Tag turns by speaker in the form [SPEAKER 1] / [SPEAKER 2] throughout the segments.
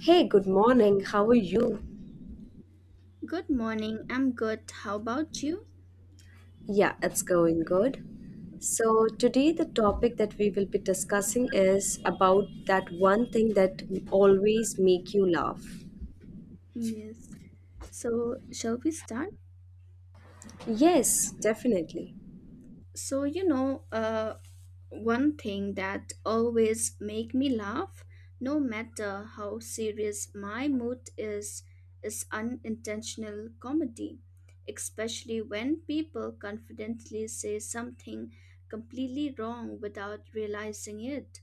[SPEAKER 1] Hey, good morning. How are you?
[SPEAKER 2] Good morning. I'm good. How about you?
[SPEAKER 1] Yeah, it's going good. So, today the topic that we will be discussing is about that one thing that always make you laugh.
[SPEAKER 2] Yes. So, shall we start?
[SPEAKER 1] Yes, definitely.
[SPEAKER 2] So, you know, uh, One thing that always make me laugh, no matter how serious my mood is unintentional comedy, especially when people confidently say something completely wrong without realizing it.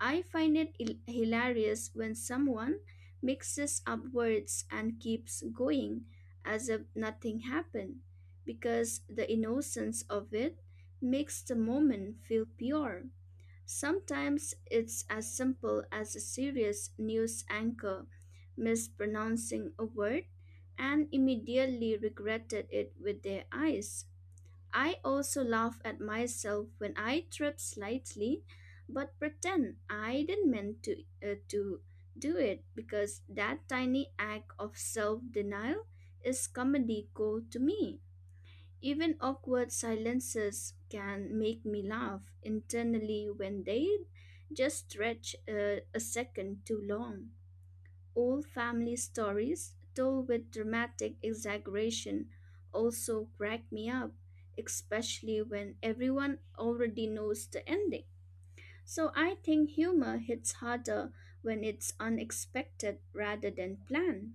[SPEAKER 2] I find it hilarious when someone mixes up words and keeps going as if nothing happened, because the innocence of it makes the moment feel pure. Sometimes it's as simple as a serious news anchor mispronouncing a word and immediately regretted it with their eyes. I also laugh at myself when I trip slightly, but pretend I didn't mean to do it because that tiny act of self denial is comedy gold to me. Even awkward silences can make me laugh internally when they just stretch a second too long. Old family stories, told with dramatic exaggeration, also crack me up, especially when everyone already knows the ending. So I think humor hits harder when it's unexpected rather than planned.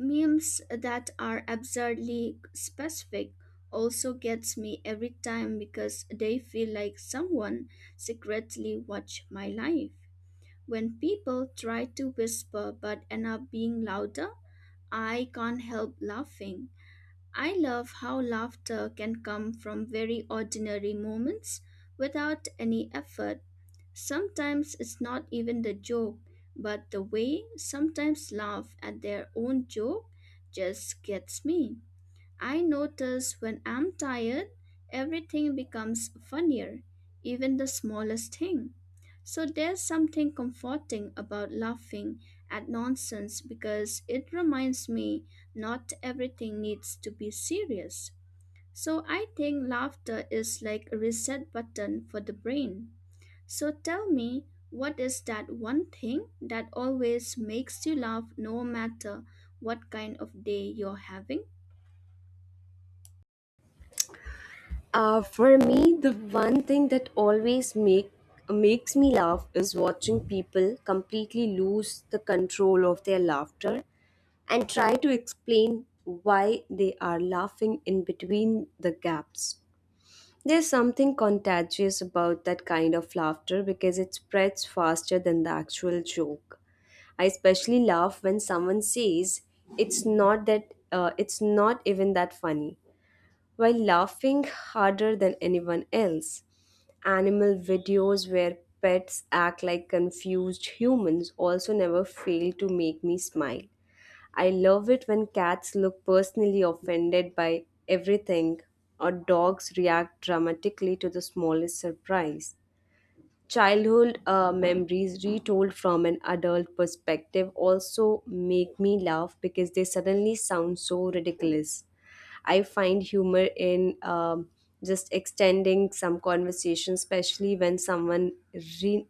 [SPEAKER 2] Memes that are absurdly specific also gets me every time because they feel like someone secretly watched my life. When people try to whisper but end up being louder, I can't help laughing. I love how laughter can come from very ordinary moments without any effort. Sometimes it's not even the joke, but the way sometimes laugh at their own joke just gets me. I notice when I'm tired, everything becomes funnier, even the smallest thing. So there's something comforting about laughing at nonsense because it reminds me not everything needs to be serious. So I think laughter is like a reset button for the brain. So tell me, what is that one thing that always makes you laugh no matter what kind of day you're having?
[SPEAKER 1] For me, the one thing that always makes me laugh is watching people completely lose the control of their laughter and try to explain why they are laughing in between the gaps. There's something contagious about that kind of laughter because it spreads faster than the actual joke. I especially laugh when someone says it's not that it's not even that funny while laughing harder than anyone else. Animal videos where pets act like confused humans also never fail to make me smile. I love it when cats look personally offended by everything or dogs react dramatically to the smallest surprise. Childhood memories retold from an adult perspective also make me laugh because they suddenly sound so ridiculous. I find humor in just extending some conversation, especially when someone re-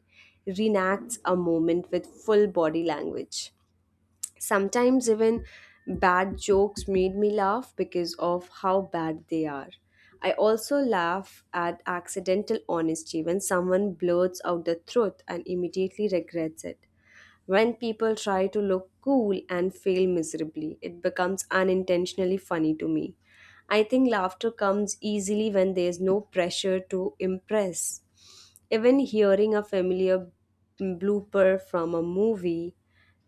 [SPEAKER 1] reenacts a moment with full body language. Sometimes even bad jokes made me laugh because of how bad they are. I also laugh at accidental honesty when someone blurts out the truth and immediately regrets it. When people try to look cool and fail miserably, it becomes unintentionally funny to me. I think laughter comes easily when there's no pressure to impress. Even hearing a familiar blooper from a movie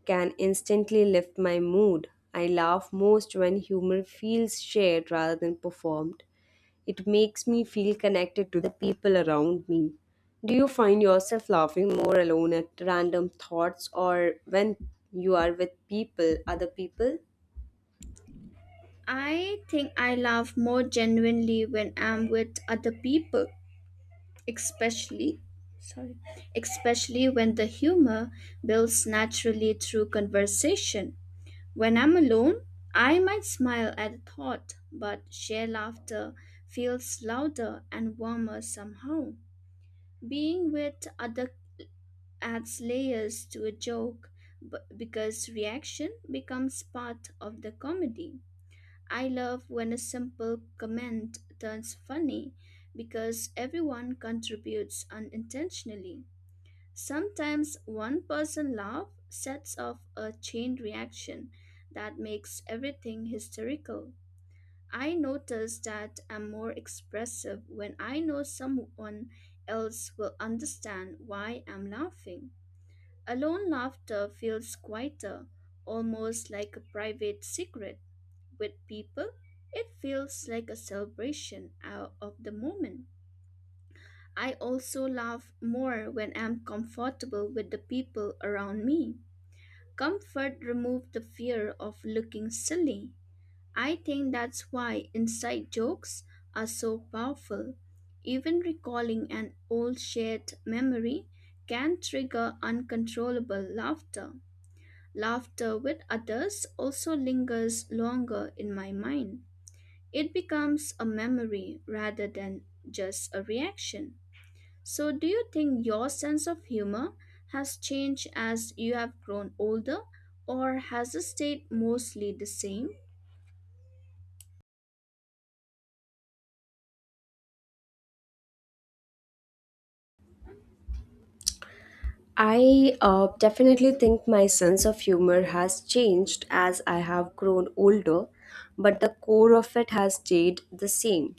[SPEAKER 1] can instantly lift my mood. I laugh most when humor feels shared rather than performed. It makes me feel connected to the people around me. Do you find yourself laughing more alone at random thoughts or when you are with people, other people?
[SPEAKER 2] I think I laugh more genuinely when I'm with other people, especially sorry, especially when the humor builds naturally through conversation. When I'm alone, I might smile at a thought, but shared laughter feels louder and warmer somehow. Being with other adds layers to a joke because reaction becomes part of the comedy. I love when a simple comment turns funny because everyone contributes unintentionally. Sometimes one person laugh sets off a chain reaction that makes everything hysterical. I notice that I'm more expressive when I know someone else will understand why I'm laughing. Alone laughter feels quieter, almost like a private secret with people, it feels like a celebration out of the moment. I also laugh more when I'm comfortable with the people around me. Comfort removes the fear of looking silly. I think that's why inside jokes are so powerful. Even recalling an old shared memory can trigger uncontrollable laughter. Laughter with others also lingers longer in my mind. It becomes a memory rather than just a reaction. So, do you think your sense of humor has changed as you have grown older, or has it stayed mostly the same?
[SPEAKER 1] I definitely think my sense of humor has changed as I have grown older, but the core of it has stayed the same.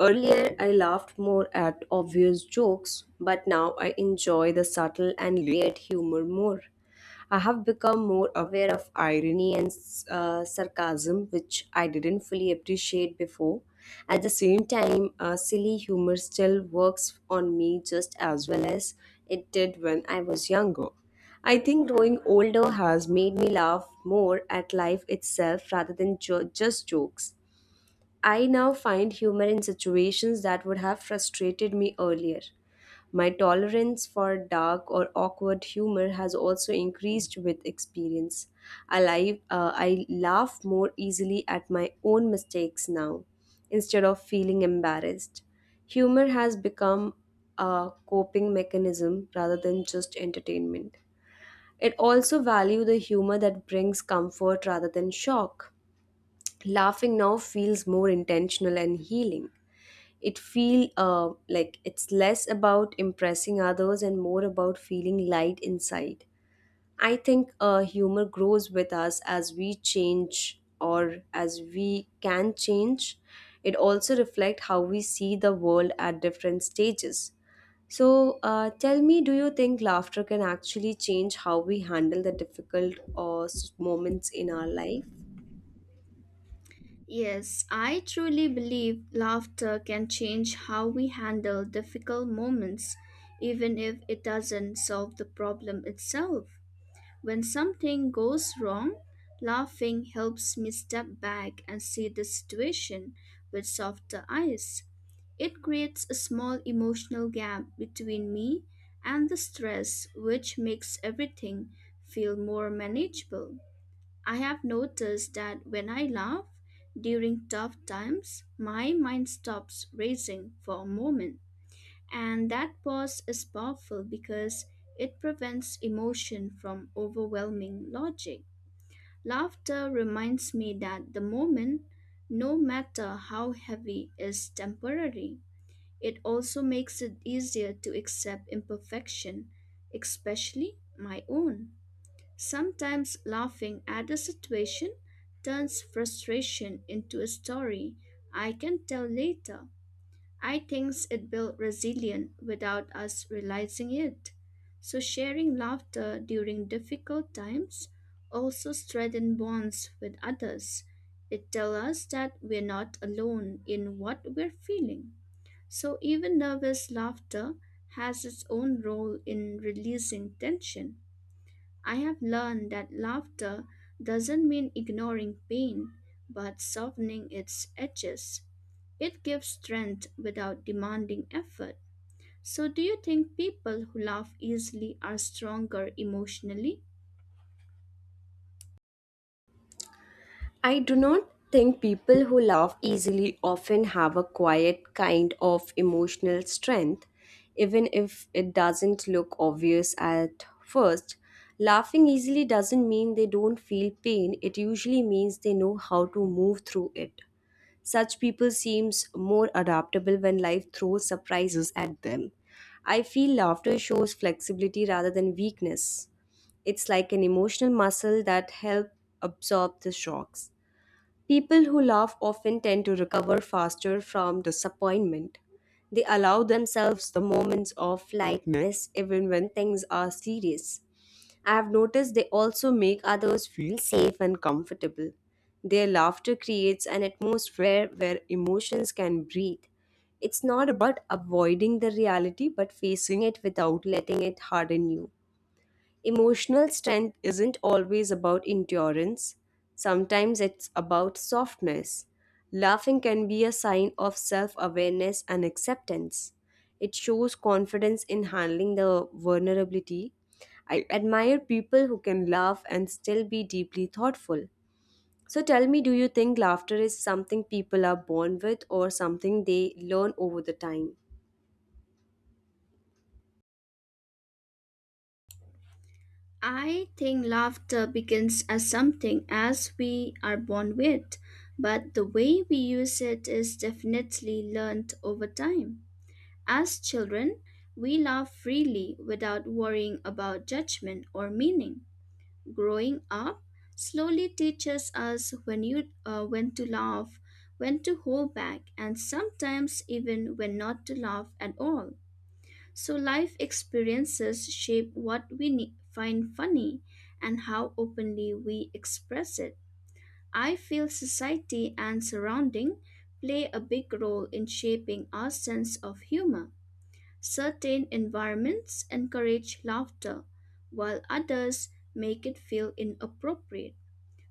[SPEAKER 1] Earlier, I laughed more at obvious jokes, but now I enjoy the subtle and layered humor more. I have become more aware of irony and sarcasm, which I didn't fully appreciate before. At the same time, silly humor still works on me just as well as it did when I was younger. I think growing older has made me laugh more at life itself rather than just jokes. I now find humor in situations that would have frustrated me earlier. My tolerance for dark or awkward humor has also increased with experience. I laugh more easily at my own mistakes now instead of feeling embarrassed. Humor has become a coping mechanism rather than just entertainment. It also value the humor that brings comfort rather than shock. Laughing now feels more intentional and healing. It feel like it's less about impressing others and more about feeling light inside. I think humor grows with us as we change or as we can change. It also reflects how we see the world at different stages. So tell me, do you think laughter can actually change how we handle the difficult moments in our life?
[SPEAKER 2] Yes, I truly believe laughter can change how we handle difficult moments, even if it doesn't solve the problem itself. When something goes wrong, laughing helps me step back and see the situation with softer eyes. It creates a small emotional gap between me and the stress, which makes everything feel more manageable. I have noticed that when I laugh during tough times, my mind stops racing for a moment and that pause is powerful because it prevents emotion from overwhelming logic. Laughter reminds me that the moment, no matter how heavy, is temporary. It also makes it easier to accept imperfection, especially my own. Sometimes laughing at a situation turns frustration into a story I can tell later. I think it built resilience without us realizing it. So sharing laughter during difficult times also strengthens bonds with others. It tells us that we're not alone in what we're feeling. So even nervous laughter has its own role in releasing tension. I have learned that laughter doesn't mean ignoring pain, but softening its edges. It gives strength without demanding effort. So, do you think people who laugh easily are stronger emotionally?
[SPEAKER 1] I do not think people who laugh easily often have a quiet kind of emotional strength, even if it doesn't look obvious at first. Laughing easily doesn't mean they don't feel pain, it usually means they know how to move through it. Such people seems more adaptable when life throws surprises at them. I feel laughter shows flexibility rather than weakness. It's like an emotional muscle that help absorb the shocks. People who laugh often tend to recover faster from disappointment. They allow themselves the moments of lightness even when things are serious. I have noticed they also make others feel safe and comfortable. Their laughter creates an atmosphere where emotions can breathe. It's not about avoiding the reality but facing it without letting it harden you. Emotional strength isn't always about endurance, sometimes it's about softness. Laughing can be a sign of self awareness and acceptance. It shows confidence in handling the vulnerability. I admire people who can laugh and still be deeply thoughtful. So tell me, do you think laughter is something people are born with or something they learn over the time?
[SPEAKER 2] I think laughter begins as something as we are born with, but the way we use it is definitely learned over time. As children, we laugh freely without worrying about judgment or meaning. Growing up slowly teaches us when to laugh, when to hold back, and sometimes even when not to laugh at all. So life experiences shape what we find funny and how openly we express it. I feel society and surrounding play a big role in shaping our sense of humor. Certain environments encourage laughter while others make it feel inappropriate.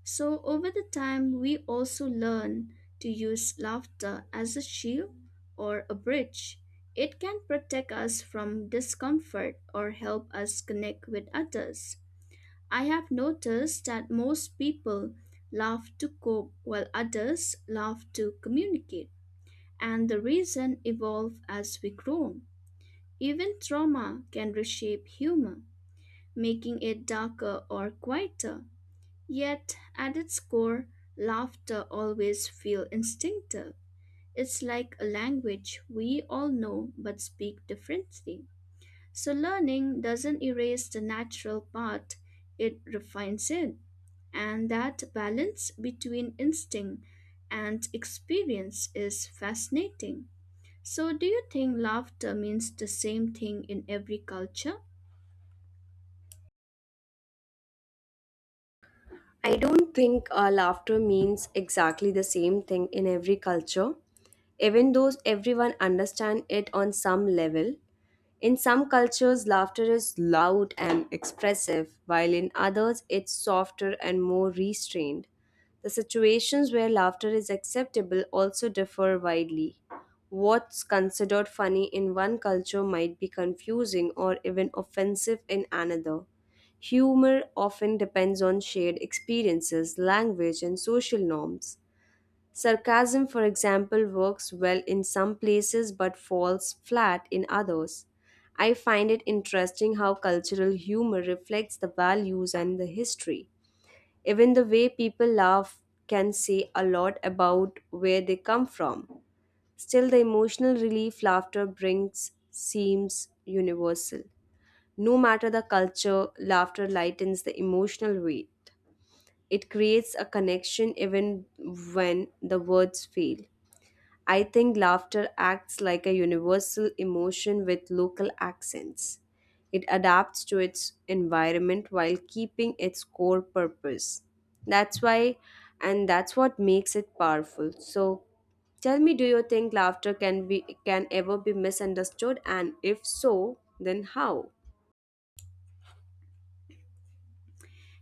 [SPEAKER 2] So, over the time, we also learn to use laughter as a shield or a bridge. It can protect us from discomfort or help us connect with others. I have noticed that most people laugh to cope while others laugh to communicate, and the reason evolve as we grow. Even trauma can reshape humor, making it darker or quieter. Yet, at its core, laughter always feels instinctive. It's like a language we all know but speak differently. So, learning doesn't erase the natural part, it refines it. And that balance between instinct and experience is fascinating. So, do you think laughter means the same thing in every culture?
[SPEAKER 1] I don't think laughter means exactly the same thing in every culture, even though everyone understands it on some level. In some cultures, laughter is loud and expressive, while in others, it's softer and more restrained. The situations where laughter is acceptable also differ widely. What's considered funny in one culture might be confusing or even offensive in another. Humor often depends on shared experiences, language, and social norms. Sarcasm, for example, works well in some places but falls flat in others. I find it interesting how cultural humor reflects the values and the history. Even the way people laugh can say a lot about where they come from. Still, the emotional relief laughter brings seems universal. No matter the culture, laughter lightens the emotional weight. It creates a connection even when the words fail. I think laughter acts like a universal emotion with local accents. It adapts to its environment while keeping its core purpose. That's why, and that's what makes it powerful. So, tell me, do you think laughter can be can ever be misunderstood? And if so, then how?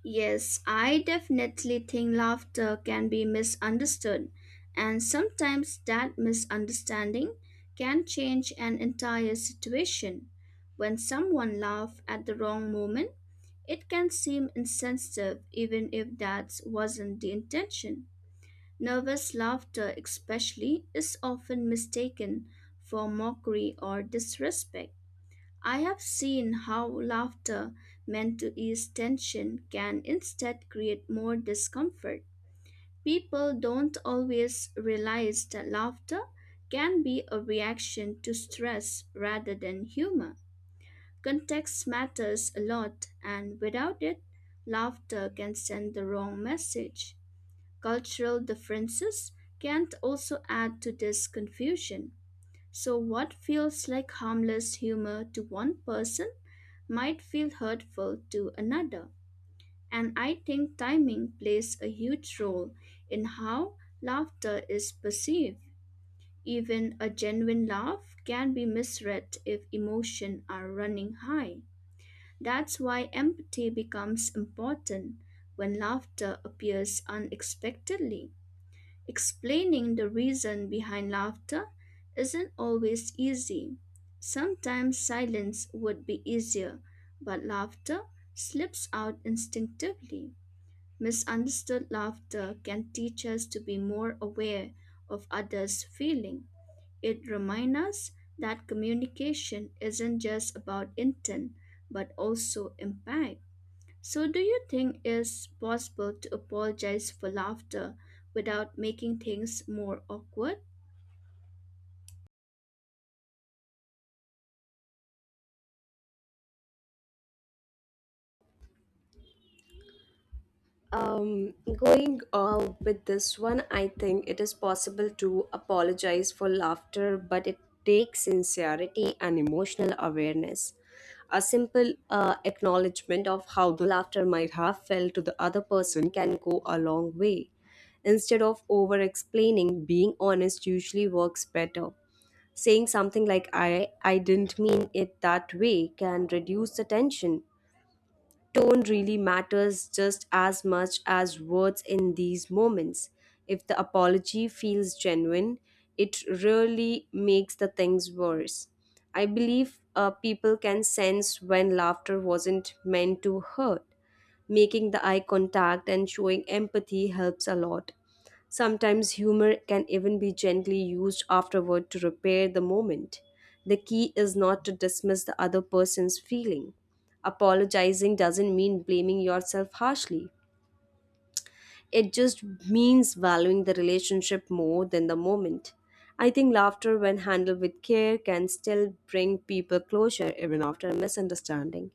[SPEAKER 2] Yes, I definitely think laughter can be misunderstood, and sometimes that misunderstanding can change an entire situation. When someone laughs at the wrong moment, it can seem insensitive even if that wasn't the intention. Nervous laughter, especially, is often mistaken for mockery or disrespect. I have seen how laughter meant to ease tension can instead create more discomfort. People don't always realize that laughter can be a reaction to stress rather than humor. Context matters a lot, and without it, laughter can send the wrong message. Cultural differences can also add to this confusion. So, what feels like harmless humor to one person might feel hurtful to another. And I think timing plays a huge role in how laughter is perceived. Even a genuine laugh can be misread if emotions are running high. That's why empathy becomes important when laughter appears unexpectedly. Explaining the reason behind laughter isn't always easy. Sometimes silence would be easier, but laughter slips out instinctively. Misunderstood laughter can teach us to be more aware of others' feeling. It reminds us that communication isn't just about intent, but also impact. So, do you think it's possible to apologize for laughter without making things more awkward?
[SPEAKER 1] Going with this one, I think it is possible to apologize for laughter, but it takes sincerity and emotional awareness. A simple acknowledgement of how the laughter might have felt to the other person can go a long way. Instead of over explaining, being honest usually works better. Saying something like, I didn't mean it that way, can reduce the tension. Tone really matters just as much as words in these moments. If the apology feels genuine, it really makes the things worse. I believe people can sense when laughter wasn't meant to hurt. Making the eye contact and showing empathy helps a lot. Sometimes humor can even be gently used afterward to repair the moment. The key is not to dismiss the other person's feeling. Apologizing doesn't mean blaming yourself harshly. It just means valuing the relationship more than the moment. I think laughter, when handled with care, can still bring people closure even after a misunderstanding.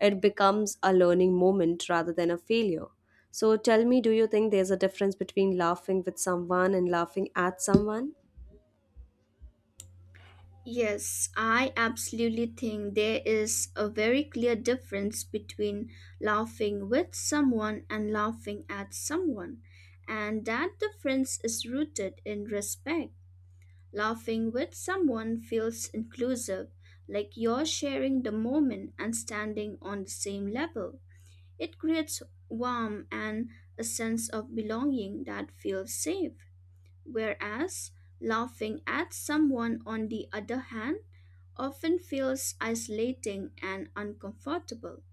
[SPEAKER 1] It becomes a learning moment rather than a failure. So tell me, do you think there's a difference between laughing with someone and laughing at someone?
[SPEAKER 2] Yes, I absolutely think there is a very clear difference between laughing with someone and laughing at someone, and that difference is rooted in respect. Laughing with someone feels inclusive, like you're sharing the moment and standing on the same level. It creates warmth and a sense of belonging that feels safe. Whereas laughing at someone, on the other hand, often feels isolating and uncomfortable.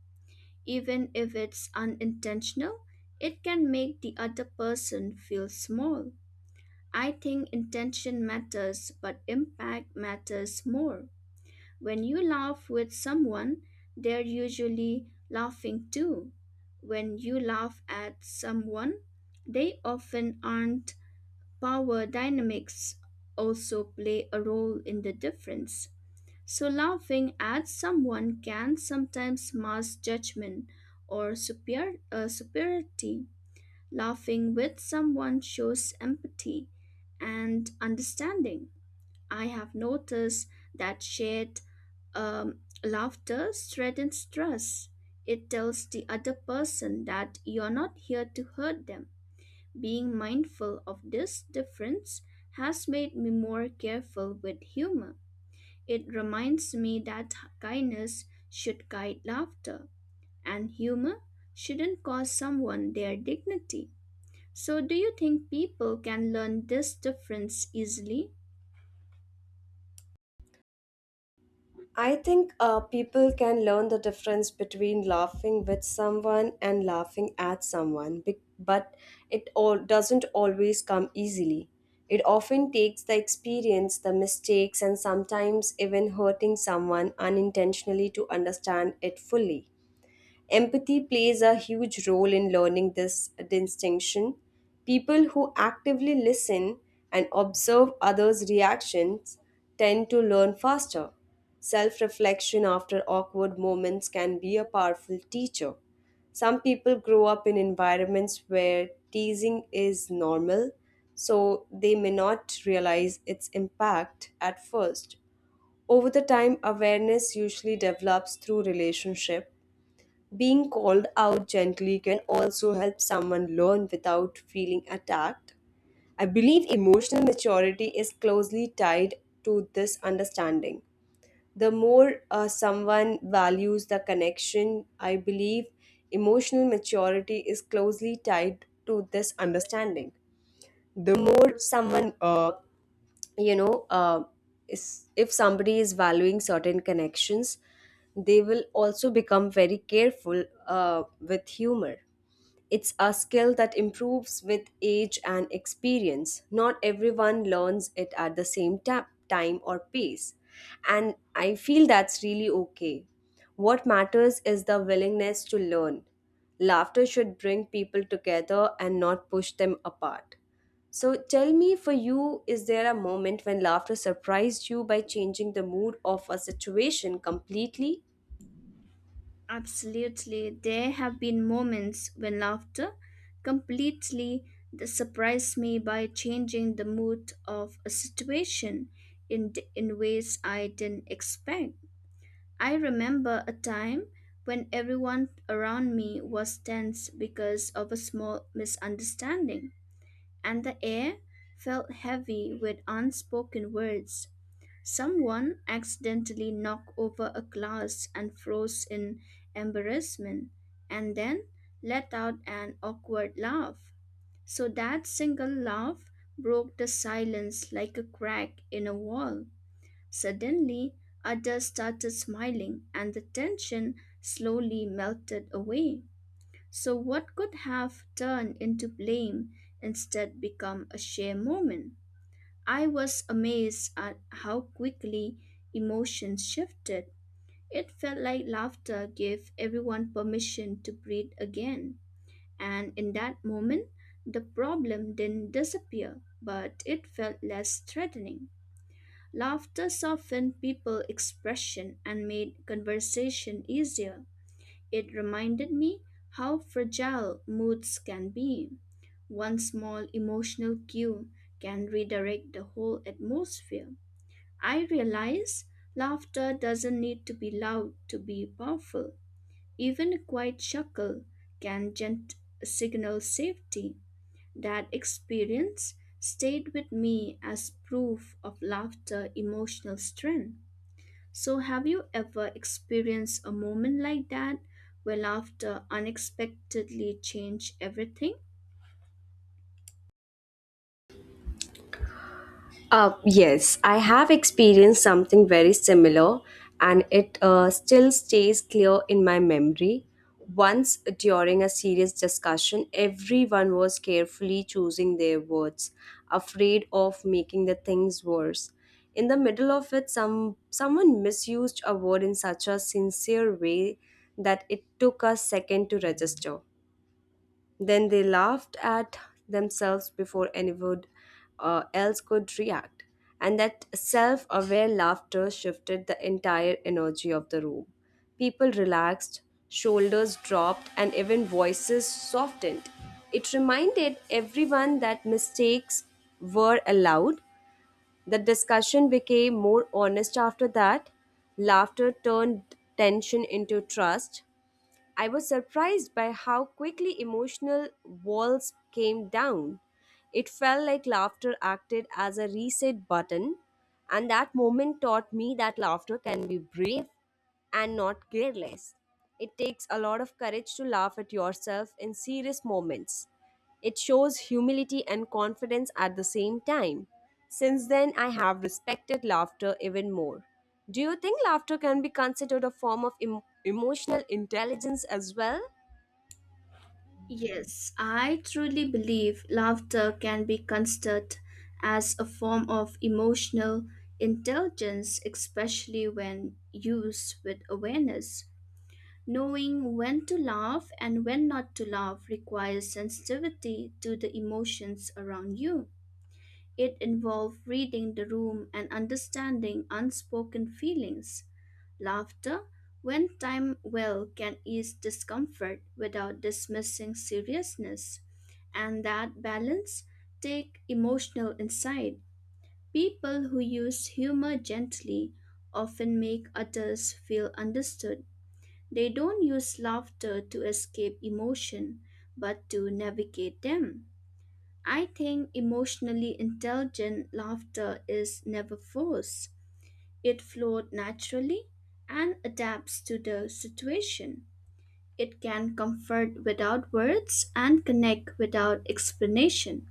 [SPEAKER 2] Even if it's unintentional, it can make the other person feel small. I think intention matters, but impact matters more. When you laugh with someone, they're usually laughing too. When you laugh at someone, they often aren't. Power dynamics also play a role in the difference. So, laughing at someone can sometimes mask judgment or superiority. Laughing with someone shows empathy and understanding. I have noticed that shared laughter strengthens trust. It tells the other person that you're not here to hurt them. Being mindful of this difference has made me more careful with humor. It reminds me that kindness should guide laughter, and humor shouldn't cost someone their dignity. So, do you think people can learn this difference easily?
[SPEAKER 1] I think people can learn the difference between laughing with someone and laughing at someone, but it all doesn't always come easily. It often takes the experience, the mistakes, and sometimes even hurting someone unintentionally to understand it fully. Empathy plays a huge role in learning this distinction. People who actively listen and observe others' reactions tend to learn faster. Self reflection after awkward moments can be a powerful teacher. Some people grow up in environments where teasing is normal, so they may not realize its impact at first. Over the time, awareness usually develops through relationship being called out gently can also help someone learn without feeling attacked. I believe emotional maturity is closely tied to this understanding. The more someone values the connection, I believe emotional maturity is closely tied to this understanding. The more someone you know is- if somebody is valuing certain connections, they will also become very careful with humor. It's a skill that improves with age and experience. Not everyone learns it at the same time or pace. And I feel that's really okay. What matters is the willingness to learn. Laughter should bring people together and not push them apart. So tell me, for you, is there a moment when laughter surprised you by changing the mood of a situation completely?
[SPEAKER 2] Absolutely. There have been moments when laughter completely surprised me by changing the mood of a situation in ways I didn't expect. I remember a time when everyone around me was tense because of a small misunderstanding, and the air felt heavy with unspoken words. Someone accidentally knocked over a glass and froze in embarrassment, and then let out an awkward laugh. So that single laugh broke the silence like a crack in a wall. Suddenly, others started smiling, and the tension slowly melted away. So, what could have turned into blame instead become a sheer moment? I was amazed at how quickly emotions shifted. It felt like laughter gave everyone permission to breathe again. And in that moment, the problem didn't disappear, but it felt less threatening. Laughter softened people's expression and made conversation easier. It reminded me how fragile moods can be. One small emotional cue can redirect the whole atmosphere. I realize laughter doesn't need to be loud to be powerful. Even a quiet chuckle can signal safety. That experience stayed with me as proof of laughter emotional strength. So, have you ever experienced a moment like that where laughter unexpectedly changed everything?
[SPEAKER 1] Yes, I have experienced something very similar and it still stays clear in my memory. Once during a serious discussion, everyone was carefully choosing their words, afraid of making the things worse. In the middle of it, someone misused a word in such a sincere way that it took us second to register. Then they laughed at themselves before anyone else could react. And that self aware laughter shifted the entire energy of the room. People relaxed, shoulders dropped, and even voices softened. It reminded everyone that mistakes were allowed. The discussion became more honest after that. Laughter turned tension into trust. I was surprised by how quickly emotional walls came down. It felt like laughter acted as a reset button, and that moment taught me that laughter can be brave and not careless. It takes a lot of courage to laugh at yourself in serious moments. It shows humility and confidence at the same time. Since then, I have respected laughter even more. Do you think laughter can be considered a form of emotional intelligence as well?
[SPEAKER 2] Yes, I truly believe laughter can be considered as a form of emotional intelligence, especially when used with awareness. Knowing when to laugh and when not to laugh requires sensitivity to the emotions around you. It involves reading the room and understanding unspoken feelings. Laughter, when timed well, can ease discomfort without dismissing seriousness, and that balance take emotional insight. People who use humor gently often make others feel understood. They don't use laughter to escape emotion, but to navigate them. I think emotionally intelligent laughter is never forced. It flows naturally and adapts to the situation. It can comfort without words and connect without explanation.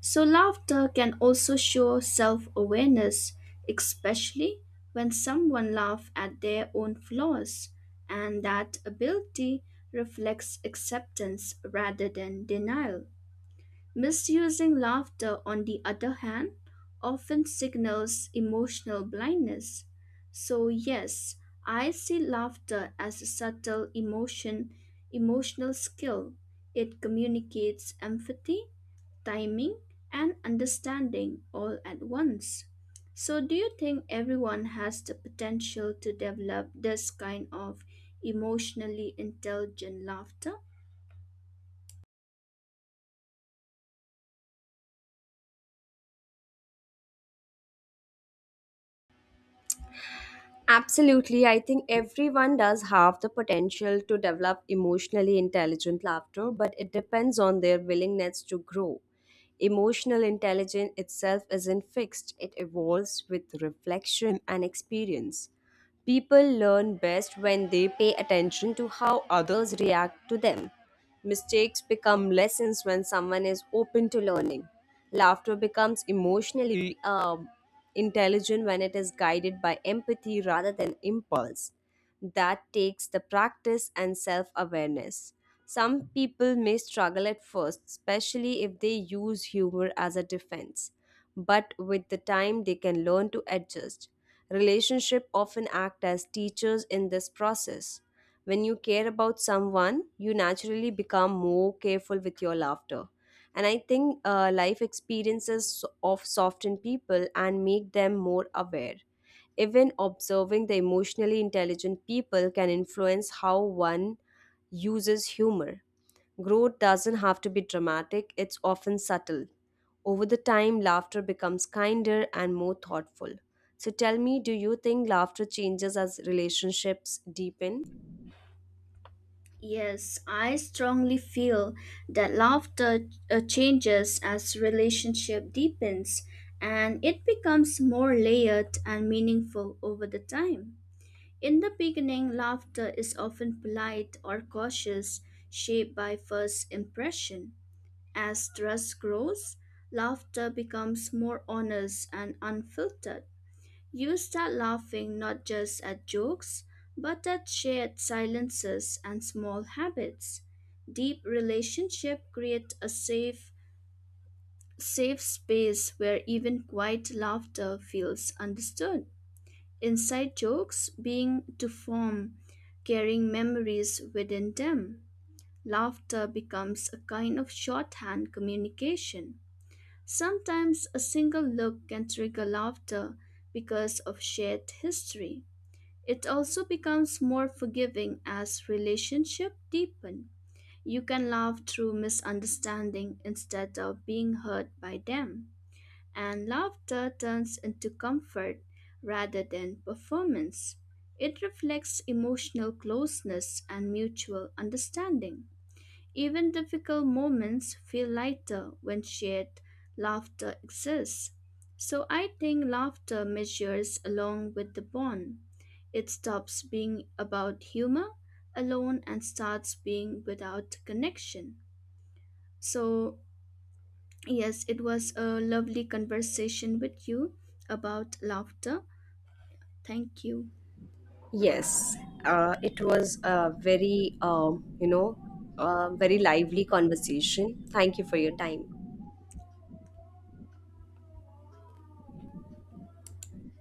[SPEAKER 2] So, laughter can also show self awareness, especially when someone laughs at their own flaws, and that ability reflects acceptance rather than denial. Misusing laughter, on the other hand, often signals emotional blindness. So, yes, I see laughter as a subtle emotion, emotional skill. It communicates empathy, timing, and understanding all at once. So, do you think everyone has the potential to develop this kind of emotionally intelligent laughter?
[SPEAKER 1] Absolutely. I think everyone does have the potential to develop emotionally intelligent laughter, but it depends on their willingness to grow. Emotional intelligence itself isn't fixed, it evolves with reflection and experience. People learn best when they pay attention to how others react to them. Mistakes become lessons when someone is open to learning. Laughter becomes emotionally intelligent when it is guided by empathy rather than impulse. That takes the practice and self awareness. Some people may struggle at first, especially if they use humor as a defense, but with the time they can learn to adjust. Relationship often act as teachers in this process. When you care about someone, you naturally become more careful with your laughter. And I think life experiences of soften people and make them more aware. Even observing the emotionally intelligent people can influence how one uses humor. Growth doesn't have to be dramatic, it's often subtle. Over the time, laughter becomes kinder and more thoughtful. So tell me, do you think laughter changes as relationships deepen?
[SPEAKER 2] Yes, I strongly feel that laughter changes as relationship deepens and it becomes more layered and meaningful over the time. In the beginning, laughter is often polite or cautious, shaped by first impression. As trust grows, laughter becomes more honest and unfiltered. You start laughing not just at jokes, but at shared silences and small habits. Deep relationship create a safe space where even quiet laughter feels understood. Inside jokes being to form, carrying memories within them. Laughter becomes a kind of shorthand communication. Sometimes a single look can trigger laughter because of shared history. It also becomes more forgiving as relationships deepen. You can laugh through misunderstanding instead of being hurt by them, and laughter turns into comfort rather than performance. It reflects emotional closeness and mutual understanding. Even difficult moments feel lighter when shared laughter exists. So I think laughter measures along with the bond. It stops being about humor alone and starts being without connection. So, yes, it was a lovely conversation with you about laughter. Thank you.
[SPEAKER 1] Yes, it was a very, very lively conversation. Thank you for your time.